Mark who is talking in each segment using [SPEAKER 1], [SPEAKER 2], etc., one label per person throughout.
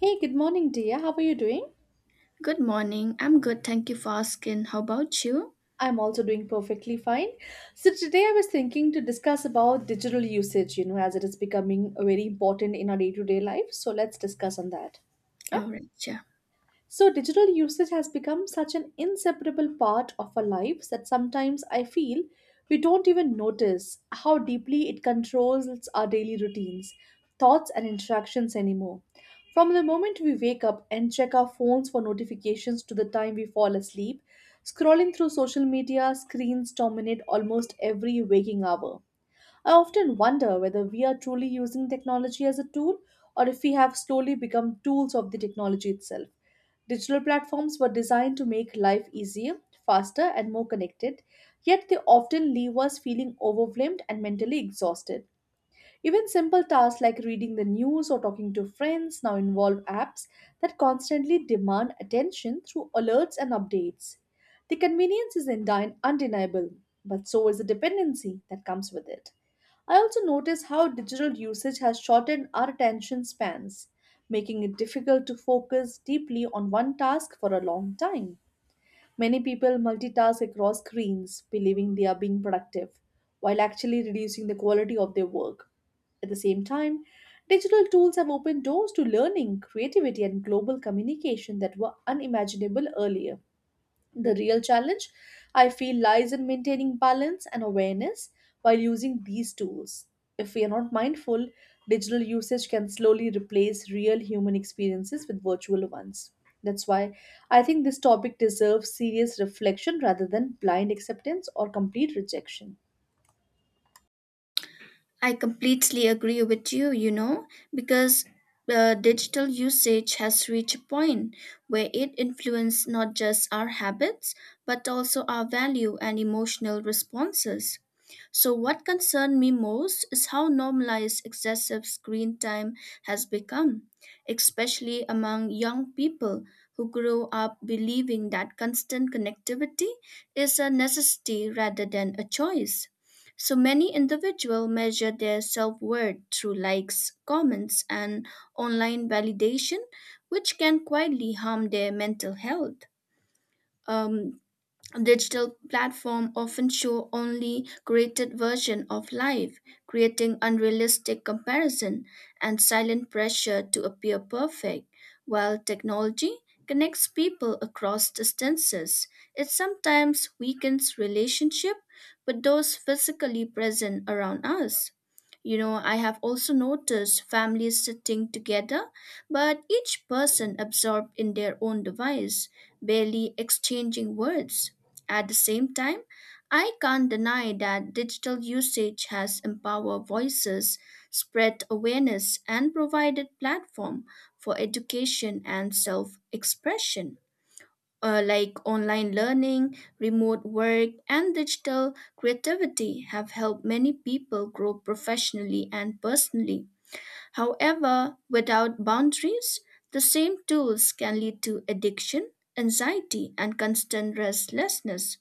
[SPEAKER 1] Hey, good morning, dear. How are you doing?
[SPEAKER 2] Good morning. I'm good. Thank you for asking. How about you?
[SPEAKER 1] I'm also doing perfectly fine. So today I was thinking to discuss about digital usage, as it is becoming very important in our day-to-day life. So let's discuss on that. Yeah.
[SPEAKER 2] All right. Yeah.
[SPEAKER 1] So, digital usage has become such an inseparable part of our lives that sometimes I feel we don't even notice how deeply it controls our daily routines, thoughts, and interactions anymore. From the moment we wake up and check our phones for notifications to the time we fall asleep, scrolling through social media, screens dominate almost every waking hour. I often wonder whether we are truly using technology as a tool or if we have slowly become tools of the technology itself. Digital platforms were designed to make life easier, faster, and more connected, yet they often leave us feeling overwhelmed and mentally exhausted. Even simple tasks like reading the news or talking to friends now involve apps that constantly demand attention through alerts and updates. The convenience is undeniable, but so is the dependency that comes with it. I also notice how digital usage has shortened our attention spans, making it difficult to focus deeply on one task for a long time. Many people multitask across screens, believing they are being productive, while actually reducing the quality of their work. At the same time, digital tools have opened doors to learning, creativity, and global communication that were unimaginable earlier. The real challenge, I feel, lies in maintaining balance and awareness while using these tools. If we are not mindful, digital usage can slowly replace real human experiences with virtual ones. That's why I think this topic deserves serious reflection rather than blind acceptance or complete rejection.
[SPEAKER 2] I completely agree with you, you know, because digital usage has reached a point where it influences not just our habits, but also our value and emotional responses. So, what concerned me most is how normalized excessive screen time has become, especially among young people who grow up believing that constant connectivity is a necessity rather than a choice. So, many individuals measure their self worth through likes, comments, and online validation, which can quietly harm their mental health. Um, Digital platforms often show only curated version of life, creating unrealistic comparison and silent pressure to appear perfect. While technology connects people across distances, it sometimes weakens relationship with those physically present around us. You know, I have also noticed families sitting together, but each person absorbed in their own device, barely exchanging words. At the same time, I can't deny that digital usage has empowered voices, spread awareness, and provided platform for education and self-expression, like online learning, remote work, and digital creativity have helped many people grow professionally and personally. However, without boundaries, the same tools can lead to addiction, anxiety, and constant restlessness.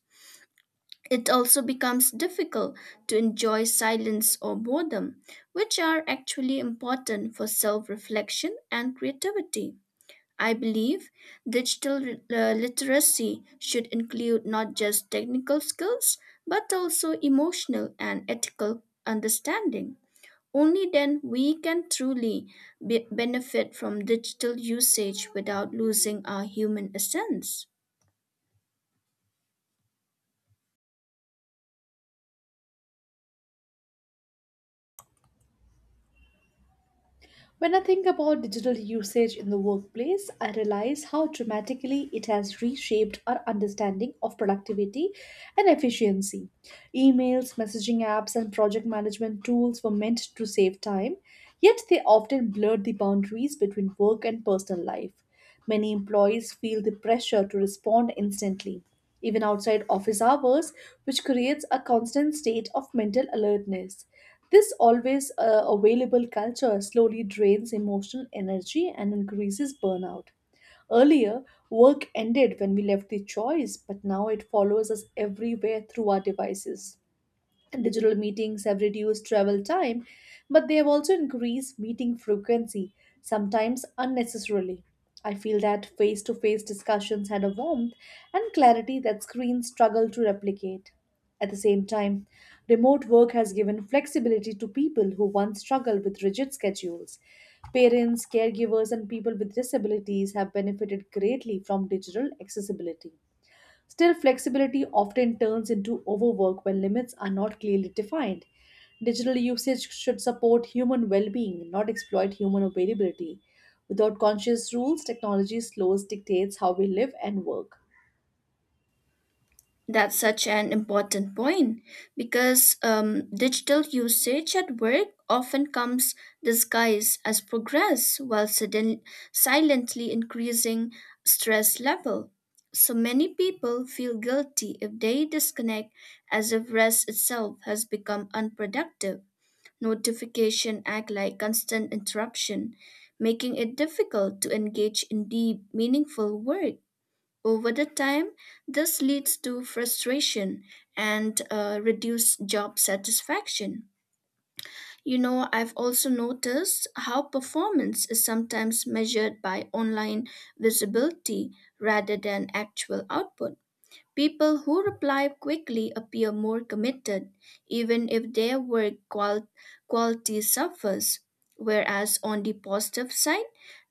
[SPEAKER 2] It also becomes difficult to enjoy silence or boredom, which are actually important for self reflection and creativity. I believe digital literacy should include not just technical skills, but also emotional and ethical understanding. Only then we can truly benefit from digital usage without losing our human essence.
[SPEAKER 1] When I think about digital usage in the workplace, I realize how dramatically it has reshaped our understanding of productivity and efficiency. Emails, messaging apps, and project management tools were meant to save time, yet they often blurred the boundaries between work and personal life. Many employees feel the pressure to respond instantly, even outside office hours, which creates a constant state of mental alertness. This always available culture slowly drains emotional energy and increases burnout. Earlier, work ended when we left the choice, but now it follows us everywhere through our devices. Digital meetings have reduced travel time, but they have also increased meeting frequency, sometimes unnecessarily. I feel that face to face discussions had a warmth and clarity that screens struggle to replicate. At the same time, remote work has given flexibility to people who once struggled with rigid schedules. Parents, caregivers, and people with disabilities have benefited greatly from digital accessibility. Still, flexibility often turns into overwork when limits are not clearly defined. Digital usage should support human well being, not exploit human availability. Without conscious rules, technology slows dictates how we live and work.
[SPEAKER 2] That's such an important point because digital usage at work often comes disguised as progress while sudden, silently increasing stress level. So many people feel guilty if they disconnect as if rest itself has become unproductive. Notification act like constant interruption, making it difficult to engage in deep, meaningful work. Over the time, this leads to frustration and reduced job satisfaction. You know, I've also noticed how performance is sometimes measured by online visibility rather than actual output. People who reply quickly appear more committed, even if their work quality suffers. Whereas on the positive side,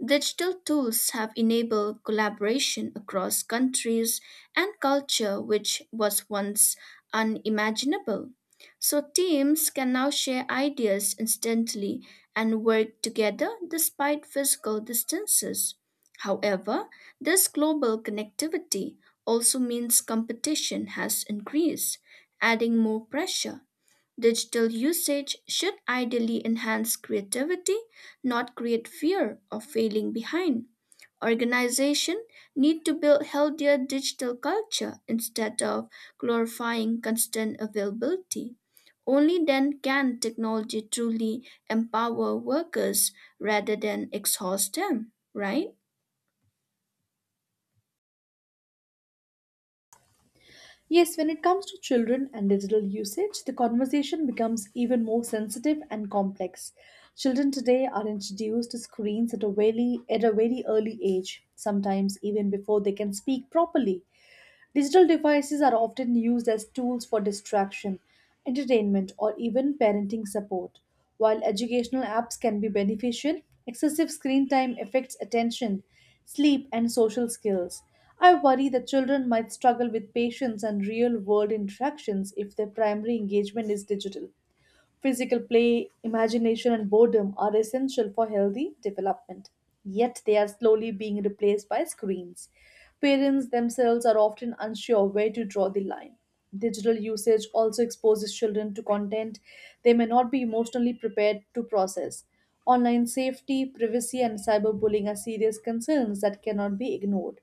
[SPEAKER 2] digital tools have enabled collaboration across countries and culture, which was once unimaginable. So, teams can now share ideas instantly and work together despite physical distances. However, this global connectivity also means competition has increased, adding more pressure. Digital usage should ideally enhance creativity, not create fear of failing behind. Organizations need to build healthier digital culture instead of glorifying constant availability. Only then can technology truly empower workers rather than exhaust them, right?
[SPEAKER 1] Yes, when it comes to children and digital usage, the conversation becomes even more sensitive and complex. Children today are introduced to screens at a very early age, sometimes even before they can speak properly. Digital devices are often used as tools for distraction, entertainment, or even parenting support. While educational apps can be beneficial, excessive screen time affects attention, sleep, and social skills. I worry that children might struggle with patience and real world interactions if their primary engagement is digital. Physical play, imagination, and boredom are essential for healthy development, yet they are slowly being replaced by screens. Parents themselves are often unsure where to draw the line. Digital usage also exposes children to content they may not be emotionally prepared to process. Online safety, privacy, and cyberbullying are serious concerns that cannot be ignored.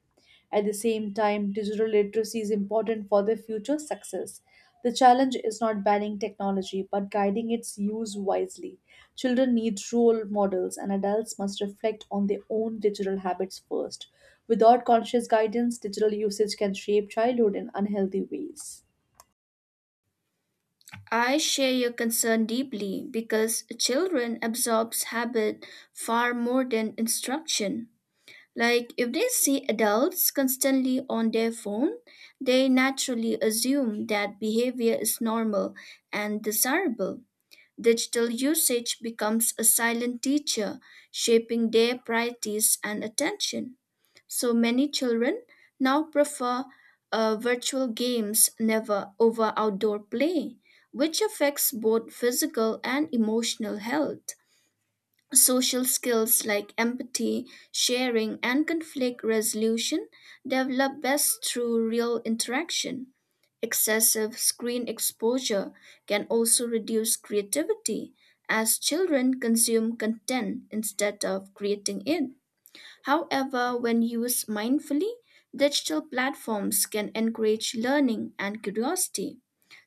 [SPEAKER 1] At the same time, digital literacy is important for their future success. The challenge is not banning technology but guiding its use wisely. Children need role models, and adults must reflect on their own digital habits first. Without conscious guidance, digital usage can shape childhood in unhealthy ways.
[SPEAKER 2] I share your concern deeply because children absorbs habit far more than instruction. Like if they see adults constantly on their phone, they naturally assume that behavior is normal and desirable. Digital usage becomes a silent teacher, shaping their priorities and attention. So many children now prefer virtual games never over outdoor play, which affects both physical and emotional health. Social skills like empathy, sharing, and conflict resolution develop best through real interaction. Excessive screen exposure can also reduce creativity as children consume content instead of creating it. However, when used mindfully, digital platforms can encourage learning and curiosity.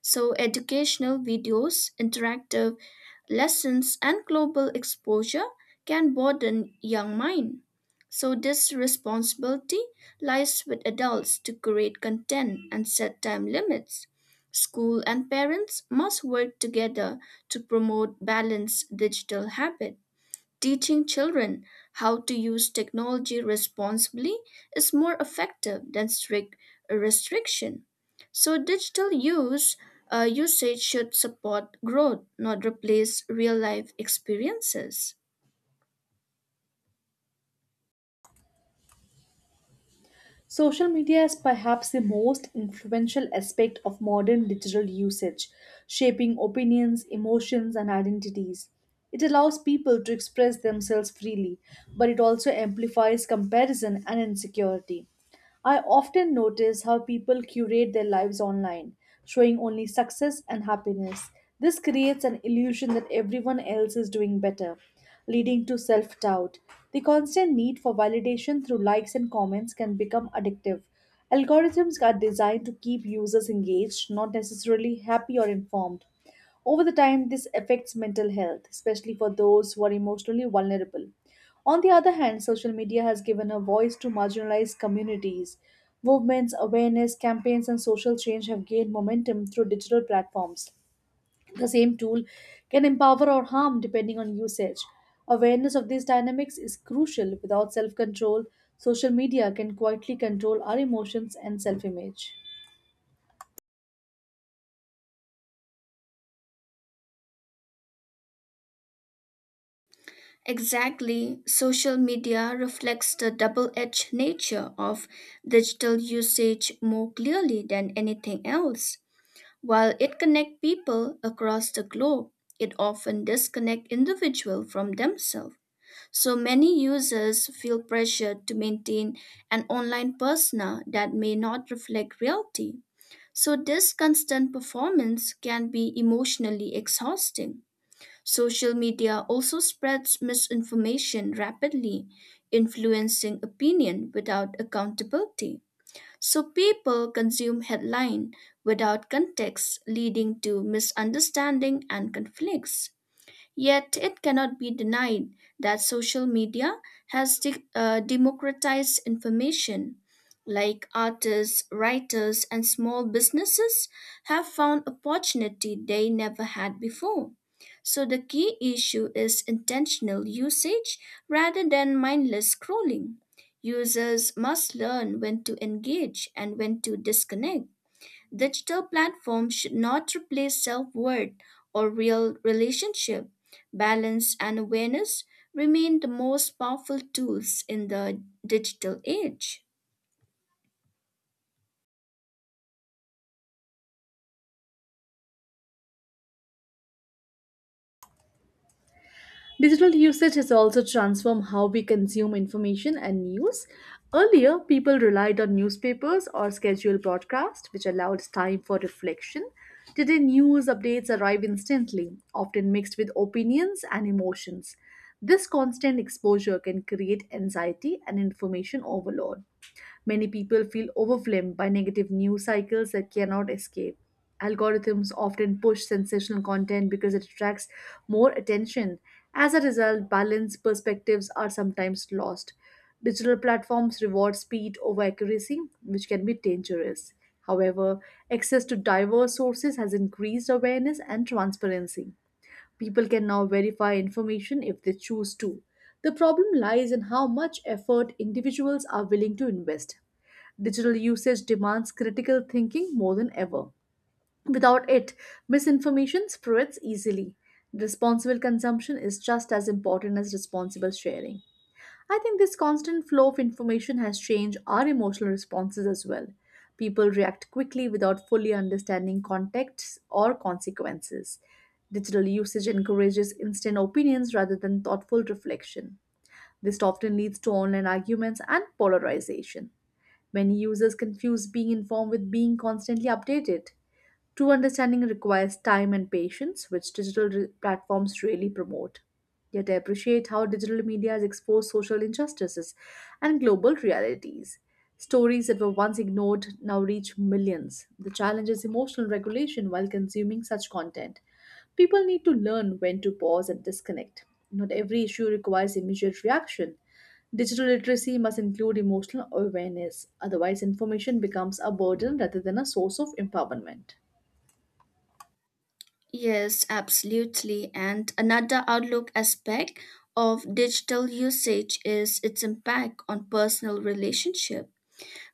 [SPEAKER 2] So, educational videos, interactive lessons, and global exposure can broaden young mind. So, this responsibility lies with adults to create content and set time limits. School and parents must work together to promote balanced digital habits. Teaching children how to use technology responsibly is more effective than strict restriction. So, digital use usage should support growth, not replace real life experiences.
[SPEAKER 1] Social media is perhaps the most influential aspect of modern digital usage, shaping opinions, emotions, and identities. It allows people to express themselves freely, but it also amplifies comparison and insecurity. I often notice how people curate their lives online, showing only success and happiness. This creates an illusion that everyone else is doing better leading to self doubt. The constant need for validation through likes and comments can become addictive. Algorithms are designed to keep users engaged, not necessarily happy or informed. Over the time, this affects mental health, especially for those who are emotionally vulnerable. On the other hand, social media has given a voice to marginalized communities. Movements, awareness campaigns, and social change have gained momentum through digital platforms. The same tool can empower or harm depending on usage. Awareness of these dynamics is crucial. Without self control, social media can quietly control our emotions and self image.
[SPEAKER 2] Exactly, social media reflects the double edged nature of digital usage more clearly than anything else. While it connects people across the globe, it often disconnects individuals from themselves. So many users feel pressured to maintain an online persona that may not reflect reality. So, this constant performance can be emotionally exhausting. Social media also spreads misinformation rapidly, influencing opinion without accountability. So, people consume headline without context, leading to misunderstanding and conflicts. Yet it cannot be denied that social media has democratized information. Like artists, writers, and small businesses have found opportunity they never had before. So the key issue is intentional usage rather than mindless scrolling. Users must learn when to engage and when to disconnect. Digital platforms should not replace self worth or real relationship. Balance and awareness remain the most powerful tools in the digital age.
[SPEAKER 1] Digital usage has also transformed how we consume information and news. Earlier, people relied on newspapers or scheduled broadcasts, which allowed time for reflection. Today, news updates arrive instantly, often mixed with opinions and emotions. This constant exposure can create anxiety and information overload. Many people feel overwhelmed by negative news cycles that cannot escape. Algorithms often push sensational content because it attracts more attention. As a result, balanced perspectives are sometimes lost. Digital platforms reward speed over accuracy, which can be dangerous. However, access to diverse sources has increased awareness and transparency. People can now verify information if they choose to. The problem lies in how much effort individuals are willing to invest. Digital usage demands critical thinking more than ever. Without it, misinformation spreads easily. Responsible consumption is just as important as responsible sharing. I think this constant flow of information has changed our emotional responses as well. People react quickly without fully understanding contexts or consequences. Digital usage encourages instant opinions rather than thoughtful reflection. This often leads to online arguments and polarization. Many users confuse being informed with being constantly updated. True understanding requires time and patience, which digital platforms really promote. Yet I appreciate how digital media has exposed social injustices and global realities. Stories that were once ignored now reach millions. The challenge is emotional regulation while consuming such content. People need to learn when to pause and disconnect. Not every issue requires immediate reaction. Digital literacy must include emotional awareness, otherwise, information becomes a burden rather than a source of empowerment.
[SPEAKER 2] Yes, absolutely. And another outlook aspect of digital usage is its impact on personal relationship.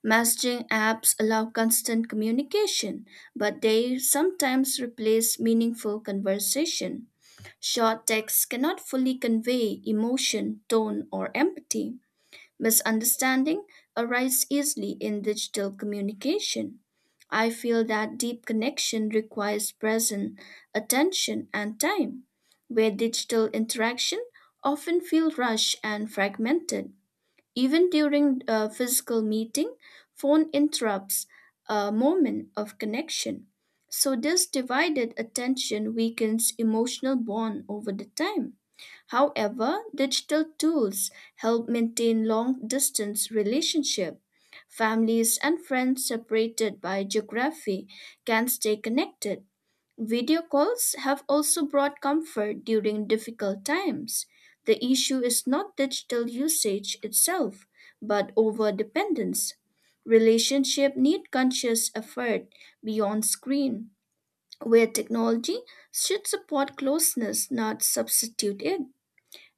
[SPEAKER 2] Messaging apps allow constant communication, but they sometimes replace meaningful conversation. Short texts cannot fully convey emotion, tone, or empathy. Misunderstanding arises easily in digital communication. I feel that deep connection requires presence, attention, and time, where digital interaction often feel rushed and fragmented. Even during a physical meeting, phone interrupts a moment of connection. So this divided attention weakens emotional bond over the time. However, digital tools help maintain long distance relationship. Families and friends separated by geography can stay connected. Video calls have also brought comfort during difficult times. The issue is not digital usage itself, but over dependence. Relationship need conscious effort beyond screen, where technology should support closeness, not substitute it.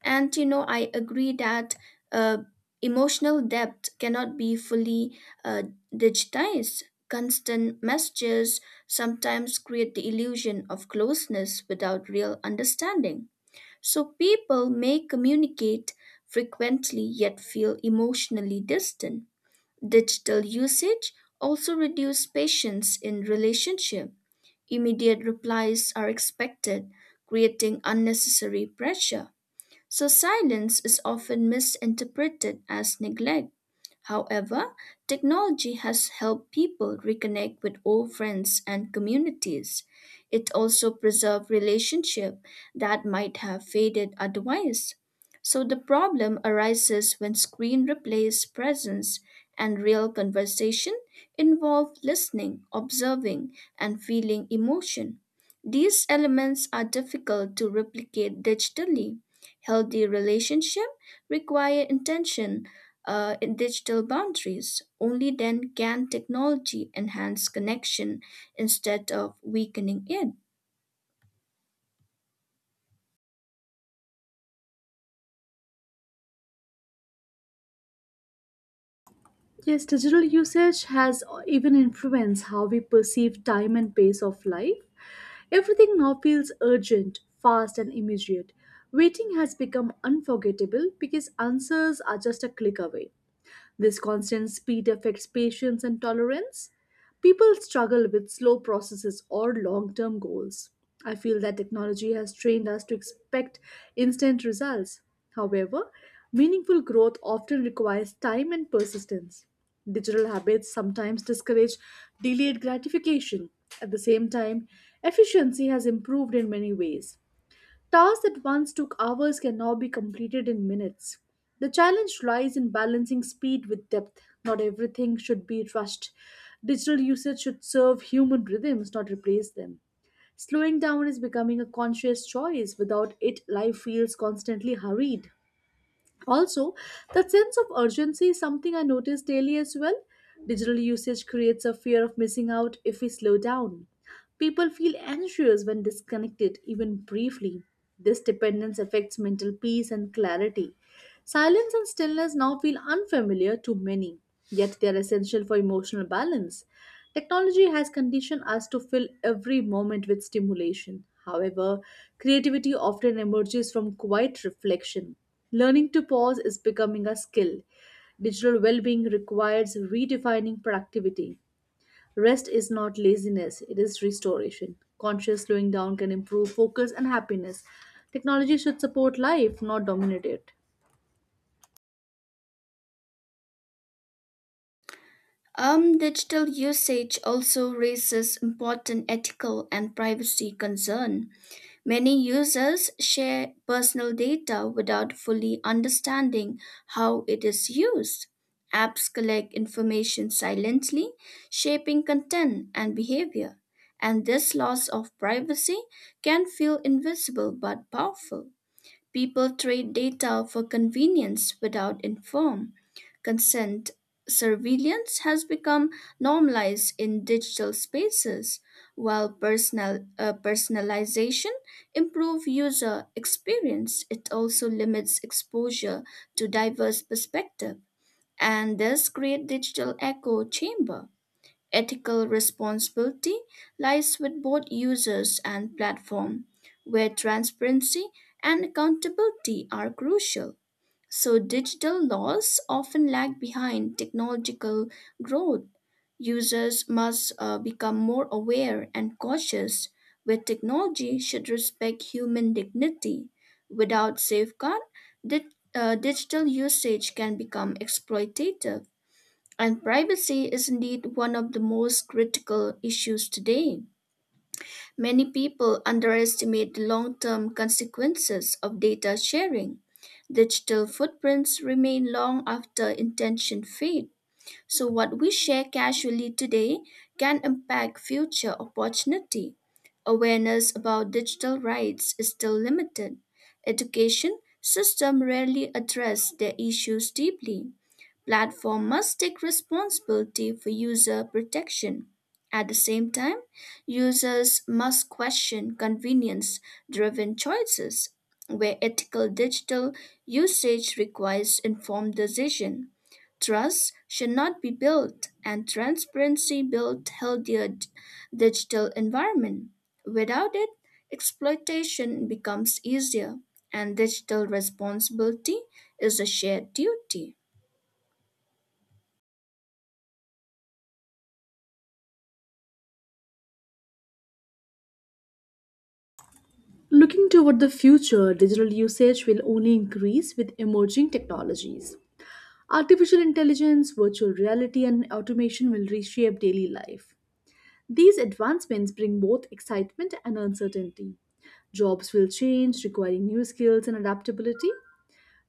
[SPEAKER 2] And you know, I agree that uh, emotional depth cannot be fully uh, digitized. Constant messages sometimes create the illusion of closeness without real understanding. So people may communicate frequently yet feel emotionally distant. Digital usage also reduces patience in relationship. Immediate replies are expected, creating unnecessary pressure so silence is often misinterpreted as neglect. However, technology has helped people reconnect with old friends and communities. It also preserves relationships that might have faded otherwise. So the problem arises when screen replaces presence and real conversation involve listening, observing, and feeling emotion. These elements are difficult to replicate digitally. Healthy relationships require intention in digital boundaries. Only then can technology enhance connection instead of weakening it.
[SPEAKER 1] Yes, digital usage has even influenced how we perceive time and pace of life. Everything now feels urgent, fast, and immediate. Waiting has become unforgettable because answers are just a click away. This constant speed affects patience and tolerance. People struggle with slow processes or long term goals. I feel that technology has trained us to expect instant results. However, meaningful growth often requires time and persistence. Digital habits sometimes discourage delayed gratification. At the same time, efficiency has improved in many ways. Tasks that once took hours can now be completed in minutes. The challenge lies in balancing speed with depth. Not everything should be rushed. Digital usage should serve human rhythms, not replace them. Slowing down is becoming a conscious choice. Without it, life feels constantly hurried. Also, that sense of urgency is something I notice daily as well. Digital usage creates a fear of missing out if we slow down. People feel anxious when disconnected, even briefly. This dependence affects mental peace and clarity. Silence and stillness now feel unfamiliar to many, yet they are essential for emotional balance. Technology has conditioned us to fill every moment with stimulation. However, creativity often emerges from quiet reflection. Learning to pause is becoming a skill. Digital well being requires redefining productivity. Rest is not laziness, it is restoration. Conscious slowing down can improve focus and happiness. Technology should support life, not dominate it.
[SPEAKER 2] Digital usage also raises important ethical and privacy concern. Many users share personal data without fully understanding how it is used. Apps collect information silently, shaping content and behavior, and this loss of privacy can feel invisible but powerful. People trade data for convenience without informed consent. Surveillance has become normalized in digital spaces, while personalization improves user experience. It also limits exposure to diverse perspectives and thus create digital echo chamber. Ethical responsibility lies with both users and platform, where transparency and accountability are crucial. So, digital laws often lag behind technological growth. Users must become more aware and cautious, where technology should respect human dignity. Without safeguard, di- digital usage can become exploitative. And privacy is indeed one of the most critical issues today. Many people underestimate the long term consequences of data sharing. Digital footprints remain long after intention fades. So what we share casually today can impact future opportunity. Awareness about digital rights is still limited. Education system rarely address their issues deeply. Platform must take responsibility for user protection. At the same time, users must question convenience driven choices where ethical digital usage requires informed decision. Trust should not be built and transparency build healthier digital environment. Without it, exploitation becomes easier and digital responsibility is a shared duty.
[SPEAKER 1] Looking toward the future, digital usage will only increase with emerging technologies. Artificial intelligence, virtual reality, and automation will reshape daily life. These advancements bring both excitement and uncertainty. Jobs will change, requiring new skills and adaptability.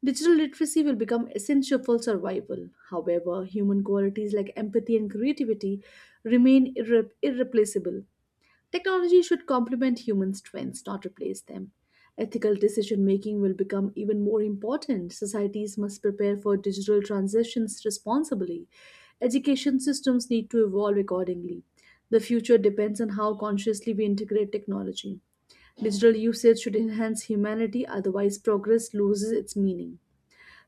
[SPEAKER 1] Digital literacy will become essential for survival. However, human qualities like empathy and creativity remain irreplaceable. Technology should complement human strengths, not replace them. Ethical decision making will become even more important. Societies must prepare for digital transitions responsibly. Education systems need to evolve accordingly. The future depends on how consciously we integrate technology. Digital usage should enhance humanity, otherwise, progress loses its meaning.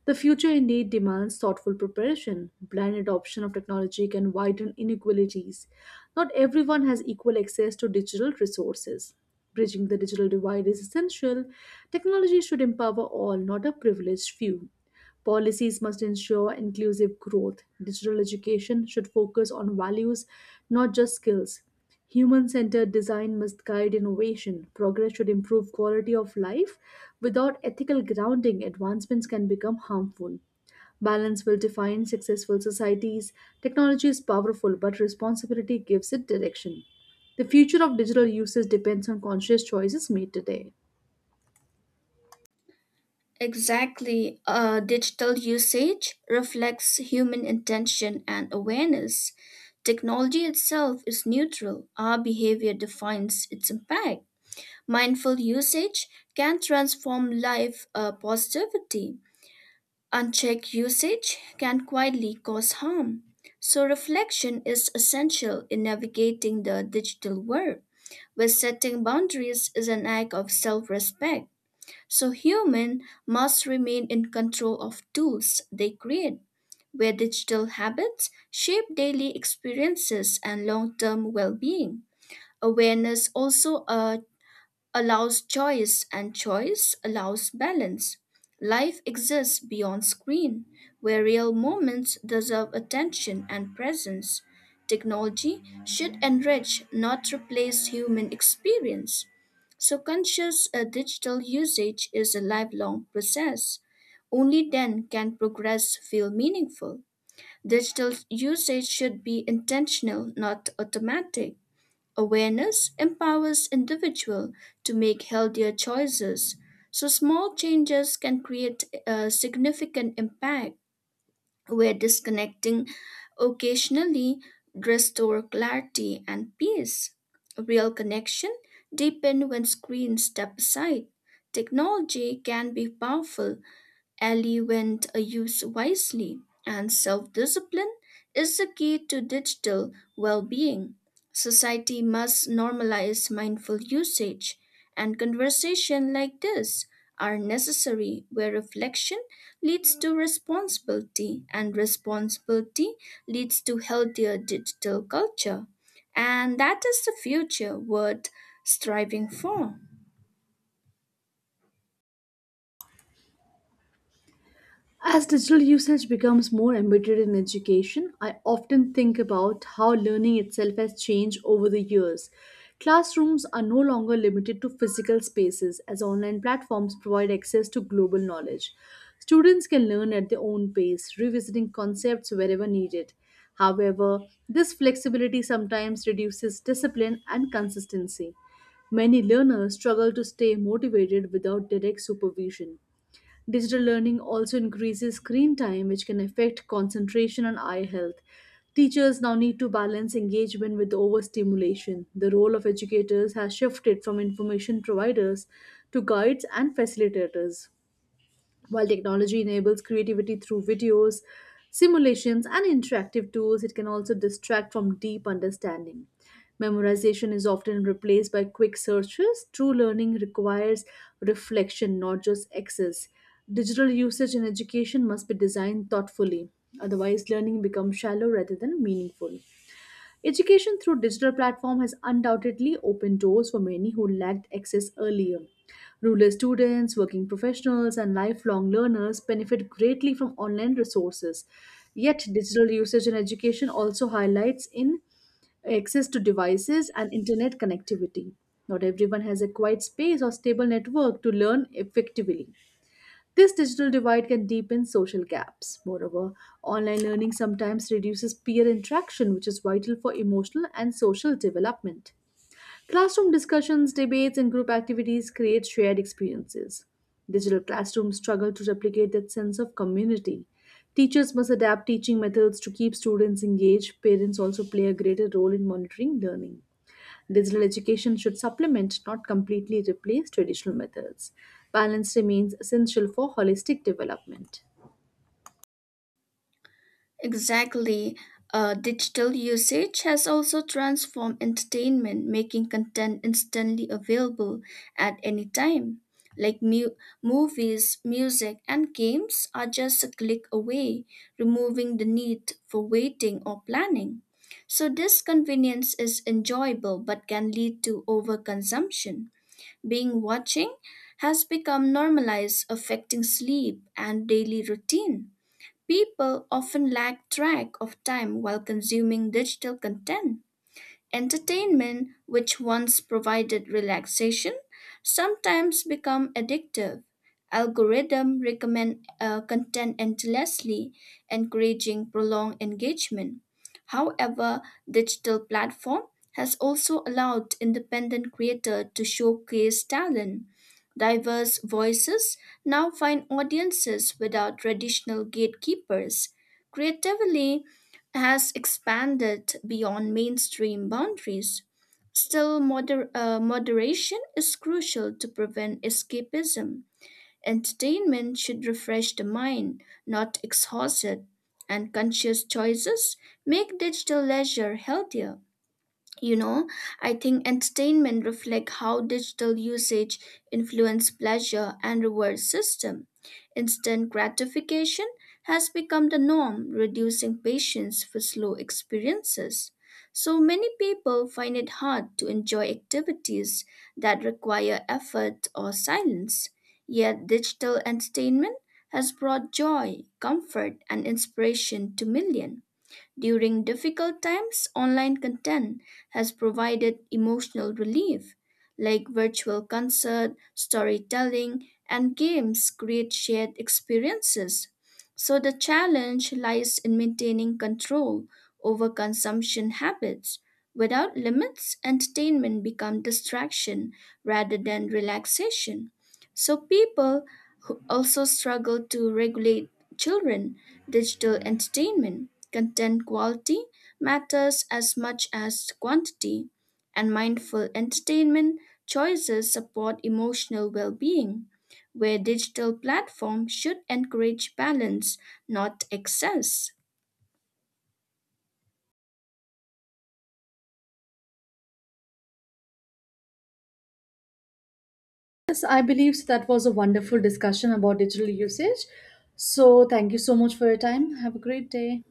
[SPEAKER 1] The future indeed demands thoughtful preparation. Blind adoption of technology can widen inequalities. Not everyone has equal access to digital resources. Bridging the digital divide is essential. Technology should empower all, not a privileged few. Policies must ensure inclusive growth. Digital education should focus on values, not just skills. Human centered design must guide innovation. Progress should improve quality of life. Without ethical grounding, advancements can become harmful. Balance will define successful societies. Technology is powerful, but responsibility gives it direction. The future of digital uses depends on conscious choices made today.
[SPEAKER 2] Exactly. Digital usage reflects human intention and awareness. Technology itself is neutral. Our behavior defines its impact. Mindful usage can transform life positivity. Unchecked usage can quietly cause harm. So, reflection is essential in navigating the digital world, where setting boundaries is an act of self respect. So, humans must remain in control of tools they create, where digital habits shape daily experiences and long term well being. Awareness also allows choice and choice allows balance. Life exists beyond screen, where real moments deserve attention and presence. Technology should enrich, not replace human experience. So, conscious digital usage is a lifelong process. Only then can progress feel meaningful. Digital usage should be intentional, not automatic. Awareness empowers individual to make healthier choices, so small changes can create a significant impact where disconnecting occasionally restore clarity and peace. Real connection deepen when screens step aside. Technology can be powerful, Ellie went Element used wisely and self discipline is the key to digital well being. Society must normalize mindful usage, and conversation like this are necessary where reflection leads to responsibility and responsibility leads to healthier digital culture and that is the future worth striving for.
[SPEAKER 1] As digital usage becomes more embedded in education, I often think about how learning itself has changed over the years. Classrooms are no longer limited to physical spaces as online platforms provide access to global knowledge. Students can learn at their own pace, revisiting concepts wherever needed. However, this flexibility sometimes reduces discipline and consistency. Many learners struggle to stay motivated without direct supervision. Digital learning also increases screen time, which can affect concentration and eye health. Teachers now need to balance engagement with overstimulation. The role of educators has shifted from information providers to guides and facilitators. While technology enables creativity through videos, simulations, and interactive tools, it can also distract from deep understanding. Memorization is often replaced by quick searches. True learning requires reflection, not just access. Digital usage in education must be designed thoughtfully, otherwise, learning becomes shallow rather than meaningful. Education through digital platform has undoubtedly opened doors for many who lacked access earlier. Rural students, working professionals, and lifelong learners benefit greatly from online resources. Yet, digital usage in education also highlights in access to devices and internet connectivity. Not everyone has a quiet space or stable network to learn effectively. This digital divide can deepen social gaps. Moreover, online learning sometimes reduces peer interaction, which is vital for emotional and social development. Classroom discussions, debates, and group activities create shared experiences. Digital classrooms struggle to replicate that sense of community. Teachers must adapt teaching methods to keep students engaged. Parents also play a greater role in monitoring learning. Digital education should supplement, not completely replace, traditional methods. Balance remains essential for holistic development.
[SPEAKER 2] Exactly. Digital usage has also transformed entertainment, making content instantly available at any time. Like movies, music, and games are just a click away, removing the need for waiting or planning. So, this convenience is enjoyable but can lead to overconsumption. Being watching has become normalized, affecting sleep and daily routine. People often lack track of time while consuming digital content. Entertainment, which once provided relaxation, sometimes become addictive. Algorithm recommend content endlessly, encouraging prolonged engagement. However, digital platform has also allowed independent creator to showcase talent. Diverse voices now find audiences without traditional gatekeepers. Creatively, has expanded beyond mainstream boundaries. Still, moderation is crucial to prevent escapism. Entertainment should refresh the mind, not exhaust it, and conscious choices make digital leisure healthier. You know, I think entertainment reflects how digital usage influence pleasure and reward system. Instant gratification has become the norm, reducing patience for slow experiences. So many people find it hard to enjoy activities that require effort or silence, yet digital entertainment has brought joy comfort and inspiration to millions. During difficult times, online content has provided emotional relief, like virtual concert, storytelling, and games create shared experiences. So the challenge lies in maintaining control over consumption habits. Without limits, entertainment becomes distraction rather than relaxation. So people who also struggle to regulate children, digital entertainment, content quality matters as much as quantity, and mindful entertainment choices support emotional well being, where digital platforms should encourage balance, not excess.
[SPEAKER 1] Yes, I believe so that was a wonderful discussion about digital usage. So, thank you so much for your time. Have a great day.